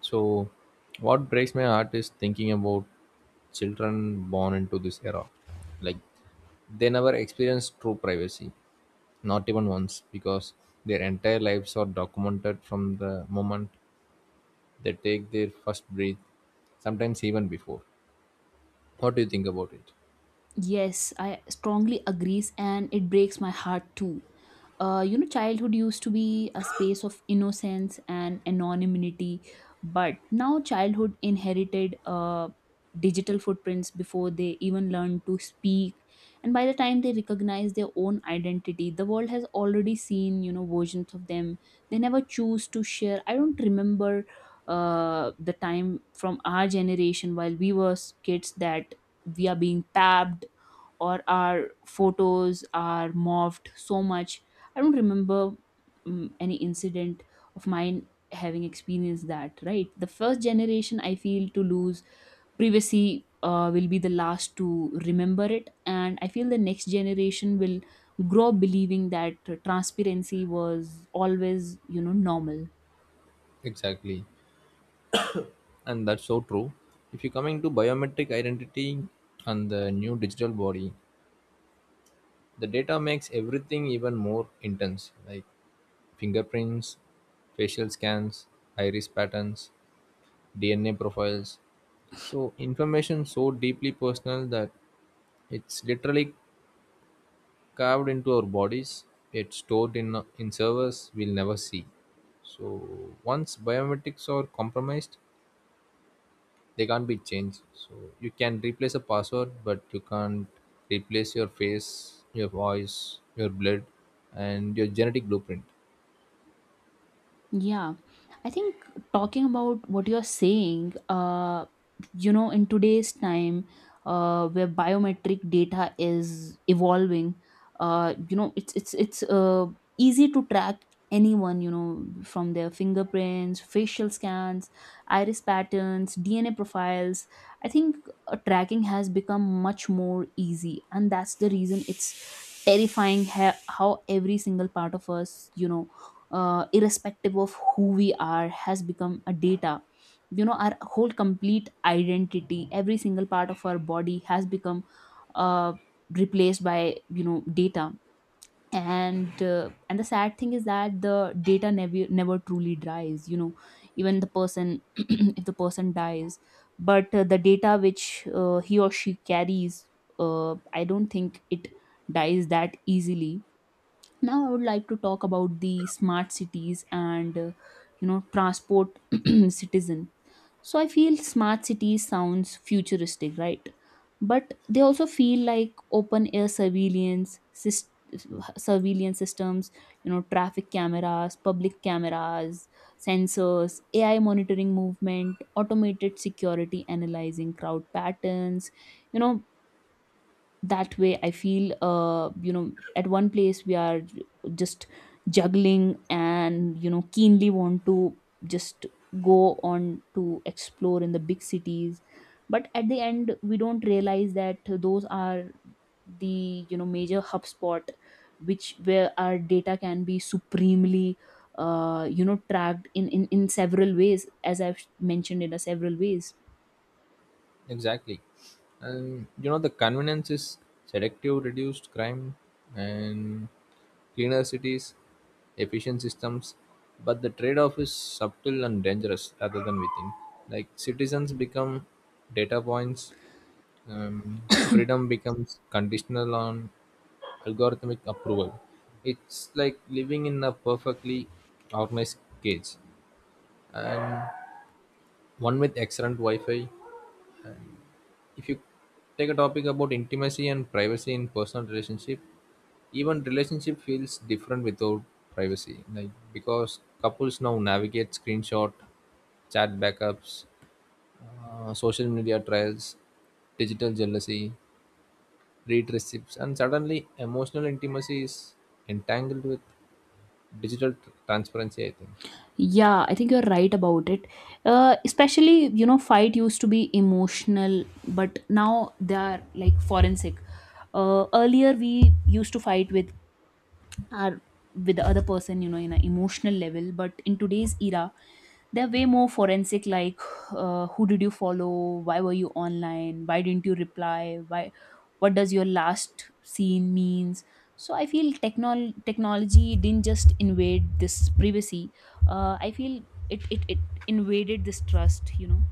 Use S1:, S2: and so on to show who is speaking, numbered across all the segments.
S1: So, what breaks my heart is thinking about children born into this era. Like, they never experience true privacy, not even once, because their entire lives are documented from the moment they take their first breath, sometimes even before. What do you think about it?
S2: Yes, I strongly agrees and it breaks my heart too. Childhood used to be a space of innocence and anonymity, but now childhood inherited digital footprints before they even learn to speak. And by the time they recognize their own identity, the world has already seen versions of them. They never choose to share. I don't remember the time from our generation while we were kids that we are being tapped or our photos are morphed so much. I don't remember any incident of mine having experienced that, right? The first generation, I feel, to lose privacy will be the last to remember it. And I feel the next generation will grow up believing that transparency was always normal.
S1: Exactly. And that's so true. If you're coming to biometric identity and the new digital body, the data makes everything even more intense like fingerprints, facial scans, iris patterns, DNA profiles. So information so deeply personal that it's literally carved into our bodies, it's stored in servers we'll never see. So once biometrics are compromised, they can't be changed. So you can replace a password, but you can't replace your face, your voice, your blood, and your genetic blueprint.
S2: Yeah, I think talking about what you're saying, in today's time, where biometric data is evolving, it's easy to track anyone, from their fingerprints, facial scans, iris patterns, DNA profiles. I think tracking has become much more easy, and that's the reason it's terrifying, how every single part of us, irrespective of who we are, has become a data. Our whole, complete identity, every single part of our body, has become uh, replaced by data. And the sad thing is that the data never truly dries. Even the person, if the person dies, but the data which he or she carries, I don't think it dies that easily. Now I would like to talk about the smart cities and transport, citizen. So I feel smart cities sounds futuristic, right? But they also feel like open air surveillance surveillance systems. Traffic cameras, public cameras, sensors, AI monitoring movement, automated security analyzing crowd patterns you know that way, I feel at one place we are just juggling and keenly want to just go on to explore in the big cities, but at the end we don't realize that those are the major hub spot, which where our data can be supremely tracked in several ways, as I've mentioned in a several ways.
S1: Exactly. And you know, the convenience is selective, reduced crime, and cleaner cities, efficient systems. But the trade off is subtle and dangerous rather than we think. Like citizens become data points, freedom becomes conditional on algorithmic approval. It's like living in a perfectly organized cage. And one with excellent Wi Fi, if you take a topic about intimacy and privacy in personal relationship, even relationship feels different without privacy, like because couples now navigate screenshot, chat backups, social media trials, digital jealousy, read receipts, and suddenly emotional intimacy is entangled with transparency, I think.
S2: Yeah, I think you're right about it. Especially, fight used to be emotional, but now they are like forensic. Earlier, we used to fight with our with the other person, in an emotional level, but in today's era, they're way more forensic, like who did you follow, why were you online, why didn't you reply, why what does your last scene means? So I feel technology didn't just invade this privacy. I feel it invaded this trust.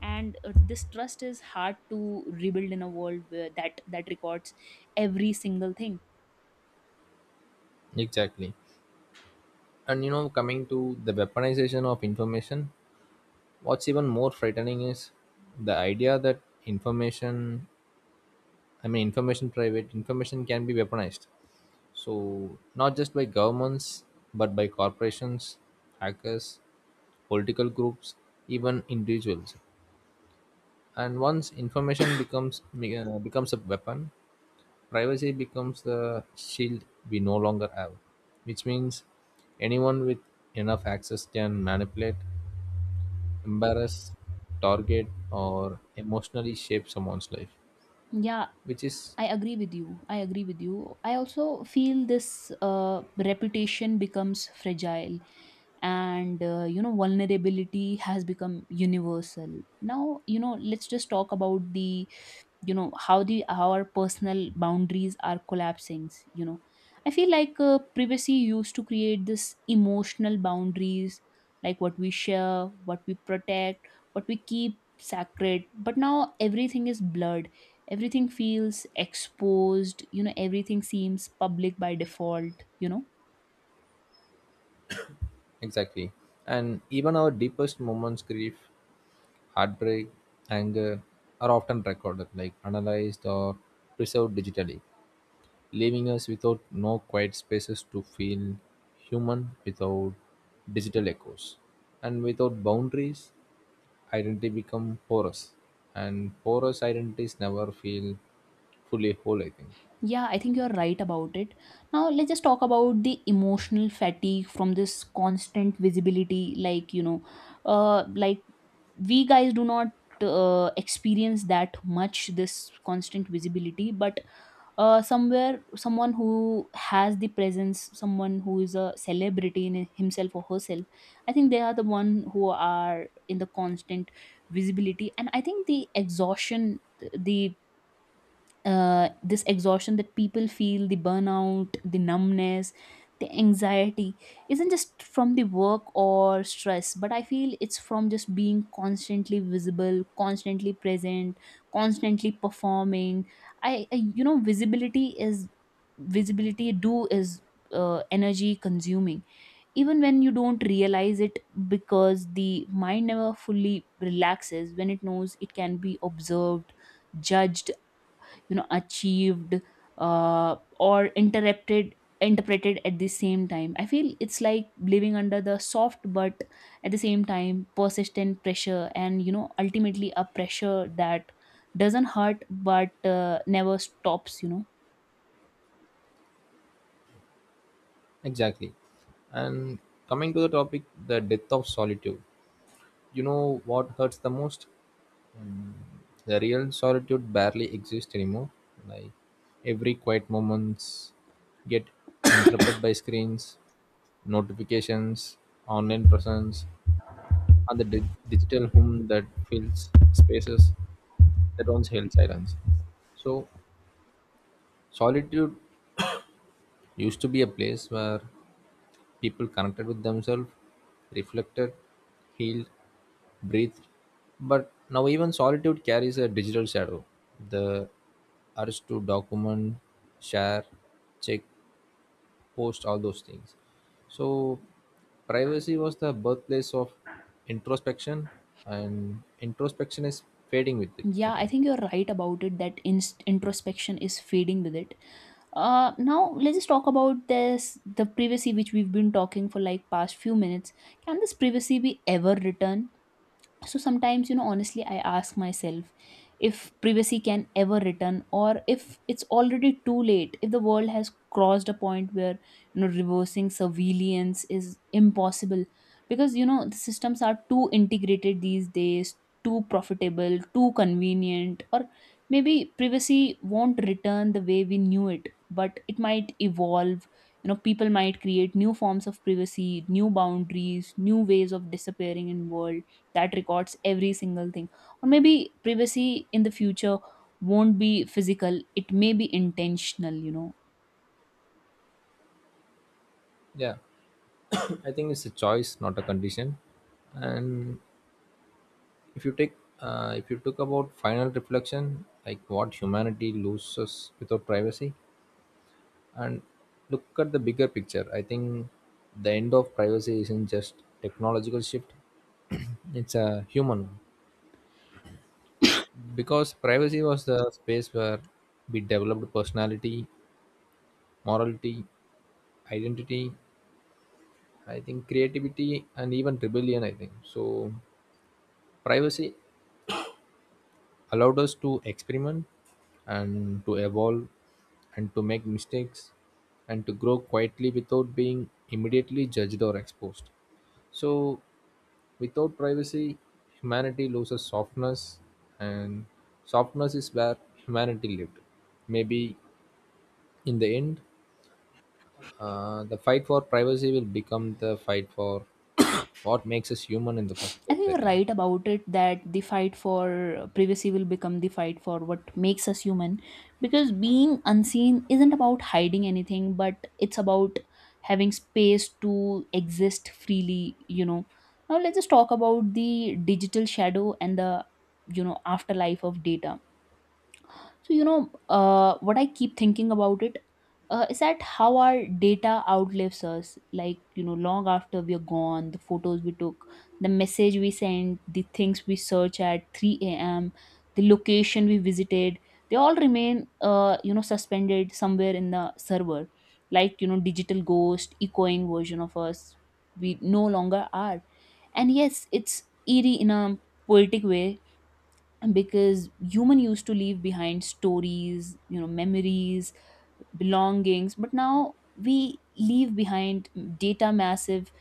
S2: And this trust is hard to rebuild in a world where that records every single thing.
S1: Exactly. And you know, coming to the weaponization of information, what's even more frightening is the idea that information, I mean, information, private information can be weaponized. So, not just by governments, but by corporations, hackers, political groups, even individuals. And once information becomes a weapon, privacy becomes the shield we no longer have, which means anyone with enough access can manipulate, embarrass, target, or emotionally shape someone's life,
S2: Yeah,
S1: which is
S2: I agree with you. I agree with you. I also feel this reputation becomes fragile, and vulnerability has become universal. Now, you know, let's just talk about the how the how our personal boundaries are collapsing. I feel like privacy used to create this emotional boundaries, like what we share, what we protect, what we keep sacred, but now everything is blurred, everything feels exposed, everything seems public by default.
S1: exactly. And even our deepest moments, grief, heartbreak, anger, are often recorded, like analyzed or preserved digitally, leaving us without no quiet spaces to feel human without digital echoes. And without boundaries, identity become porous. And porous identities never feel fully whole, I think.
S2: Yeah, I think you're right about it. Now let's just talk about the emotional fatigue from this constant visibility, like like we guys do not experience that much this constant visibility, but somewhere someone who has the presence, someone who is a celebrity in himself or herself, I think they are the one who are in the constant visibility. And I think the exhaustion, the this exhaustion that people feel, the burnout, the numbness, the anxiety isn't just from the work or stress, but I feel it's from just being constantly visible, constantly present, constantly performing. I visibility is visibility, do is energy consuming, even when you don't realize it, because the mind never fully relaxes when it knows it can be observed, judged, achieved, or interrupted, interpreted. At the same time, I feel it's like living under the soft, but at the same time persistent pressure, and ultimately a pressure that doesn't hurt but never stops.
S1: Exactly. And coming to the topic, the death of solitude. You know what hurts the most? The real solitude barely exists anymore. Like every quiet moments get interrupted by screens, notifications, online presence, and digital home that fills spaces that once held silence. So solitude used to be a place where people connected with themselves, reflected, healed, breathed. But now even solitude carries a digital shadow. The urge to document, share, check, post all those things. So privacy was the birthplace of introspection, and introspection is fading with it, I
S2: Yeah, I
S1: think.
S2: think you're right about it, that inst introspection is fading with it. Now let's just talk about this, the privacy which we've been talking for like past few minutes. Can this privacy be ever returned? So sometimes, honestly, I ask myself if privacy can ever return, or if it's already too late, if the world has crossed a point where reversing surveillance is impossible, because the systems are too integrated these days, too profitable, too convenient. Or maybe privacy won't return the way we knew it, but it might evolve. People might create new forms of privacy, new boundaries, new ways of disappearing in world that records every single thing. Or maybe privacy in the future won't be physical, it may be intentional.
S1: Yeah. I think it's a choice, not a condition. And If you take, if you took about final reflection, like what humanity loses without privacy, and look at the bigger picture, I think the end of privacy isn't just technological shift; it's a human one. Because privacy was the space where we developed personality, morality, identity, I think creativity, and even rebellion. I think so. Privacy allowed us to experiment and to evolve and to make mistakes and to grow quietly without being immediately judged or exposed. So, without privacy, humanity loses softness, and softness is where humanity lived. Maybe in the end, the fight for privacy will become the fight for what makes us human in the first
S2: I
S1: place.
S2: think
S1: I
S2: you're
S1: think.
S2: right about it, that the fight for privacy will become the fight for what makes us human, because being unseen isn't about hiding anything, but it's about having space to exist freely. Now let's just talk about the digital shadow and the afterlife of data. So, what I keep thinking about it is that how our data outlives us. Like, long after we are gone, the photos we took, the message we sent, the things we search at 3 a.m., the location we visited, they all remain, suspended somewhere in the server. Like, digital ghost, echoing version of us, we no longer are. And yes, it's eerie in a poetic way, because human used to leave behind stories, memories, belongings, but now we leave behind data, massive,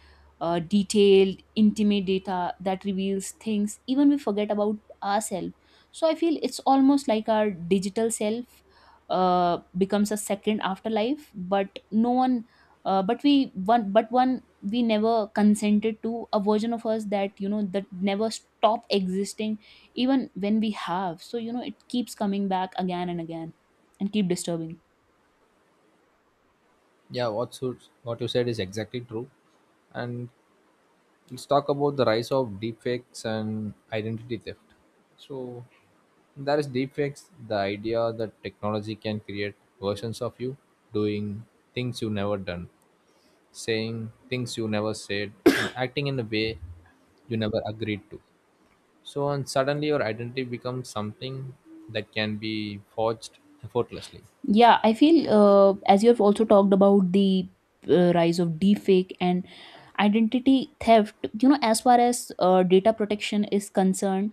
S2: detailed, intimate data that reveals things even we forget about ourselves. So I feel it's almost like our digital self becomes a second afterlife, but no one, but we one, but one we never consented to, a version of us that that never stopped existing even when we have. So, it keeps coming back again and again and keep disturbing.
S1: Yeah, what you said is exactly true, and let's talk about the rise of deepfakes and identity theft. So there is deepfakes, the idea that technology can create versions of you doing things you never done, saying things you never said, and acting in a way you never agreed to. So and Suddenly your identity becomes something that can be forged effortlessly.
S2: Yeah, I feel, as you have also talked about the rise of deepfake and identity theft, you know, as far as data protection is concerned,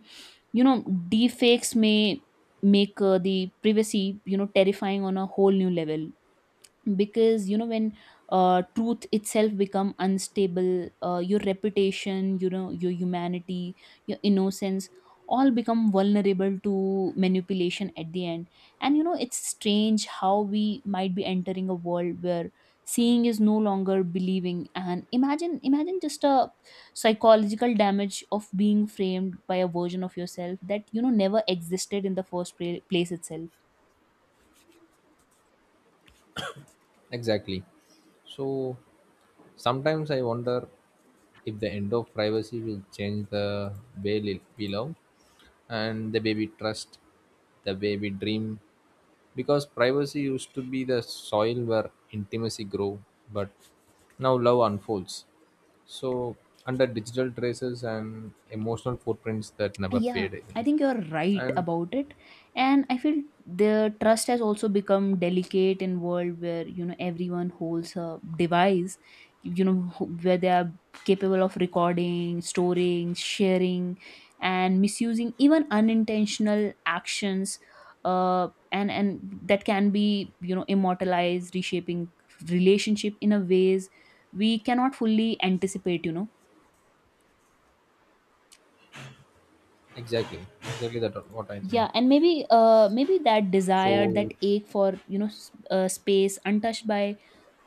S2: you know deepfakes may make the privacy, terrifying on a whole new level, because when truth itself become unstable, your reputation, your humanity, your innocence all become vulnerable to manipulation at the end. And it's strange how we might be entering a world where seeing is no longer believing, and imagine just a psychological damage of being framed by a version of yourself that never existed in the first place itself.
S1: Exactly. So sometimes I wonder if the end of privacy will change the we love and the way we trust, the way we dream. Because privacy used to be the soil where intimacy grew, but now love unfolds. So under digital traces and emotional footprints that never
S2: Yeah,
S1: fade, I think.
S2: I think you're right
S1: And
S2: about it. And I feel the trust has also become delicate in world where, everyone holds a device, where they are capable of recording, storing, sharing, and misusing even unintentional actions, and that can be, immortalized, reshaping relationship in a ways we cannot fully anticipate.
S1: exactly, exactly that what I think.
S2: Yeah, and maybe that desire,
S1: So
S2: that ache for, space untouched by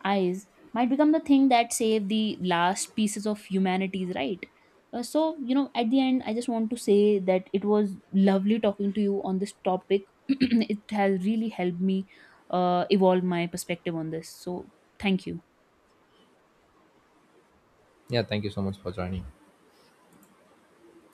S2: eyes, might become the thing that save the last pieces of humanities, right? So, at the end, I just want to say that it was lovely talking to you on this topic. It has really helped me evolve my perspective on this, so thank you.
S1: yeah, thank you so much for joining.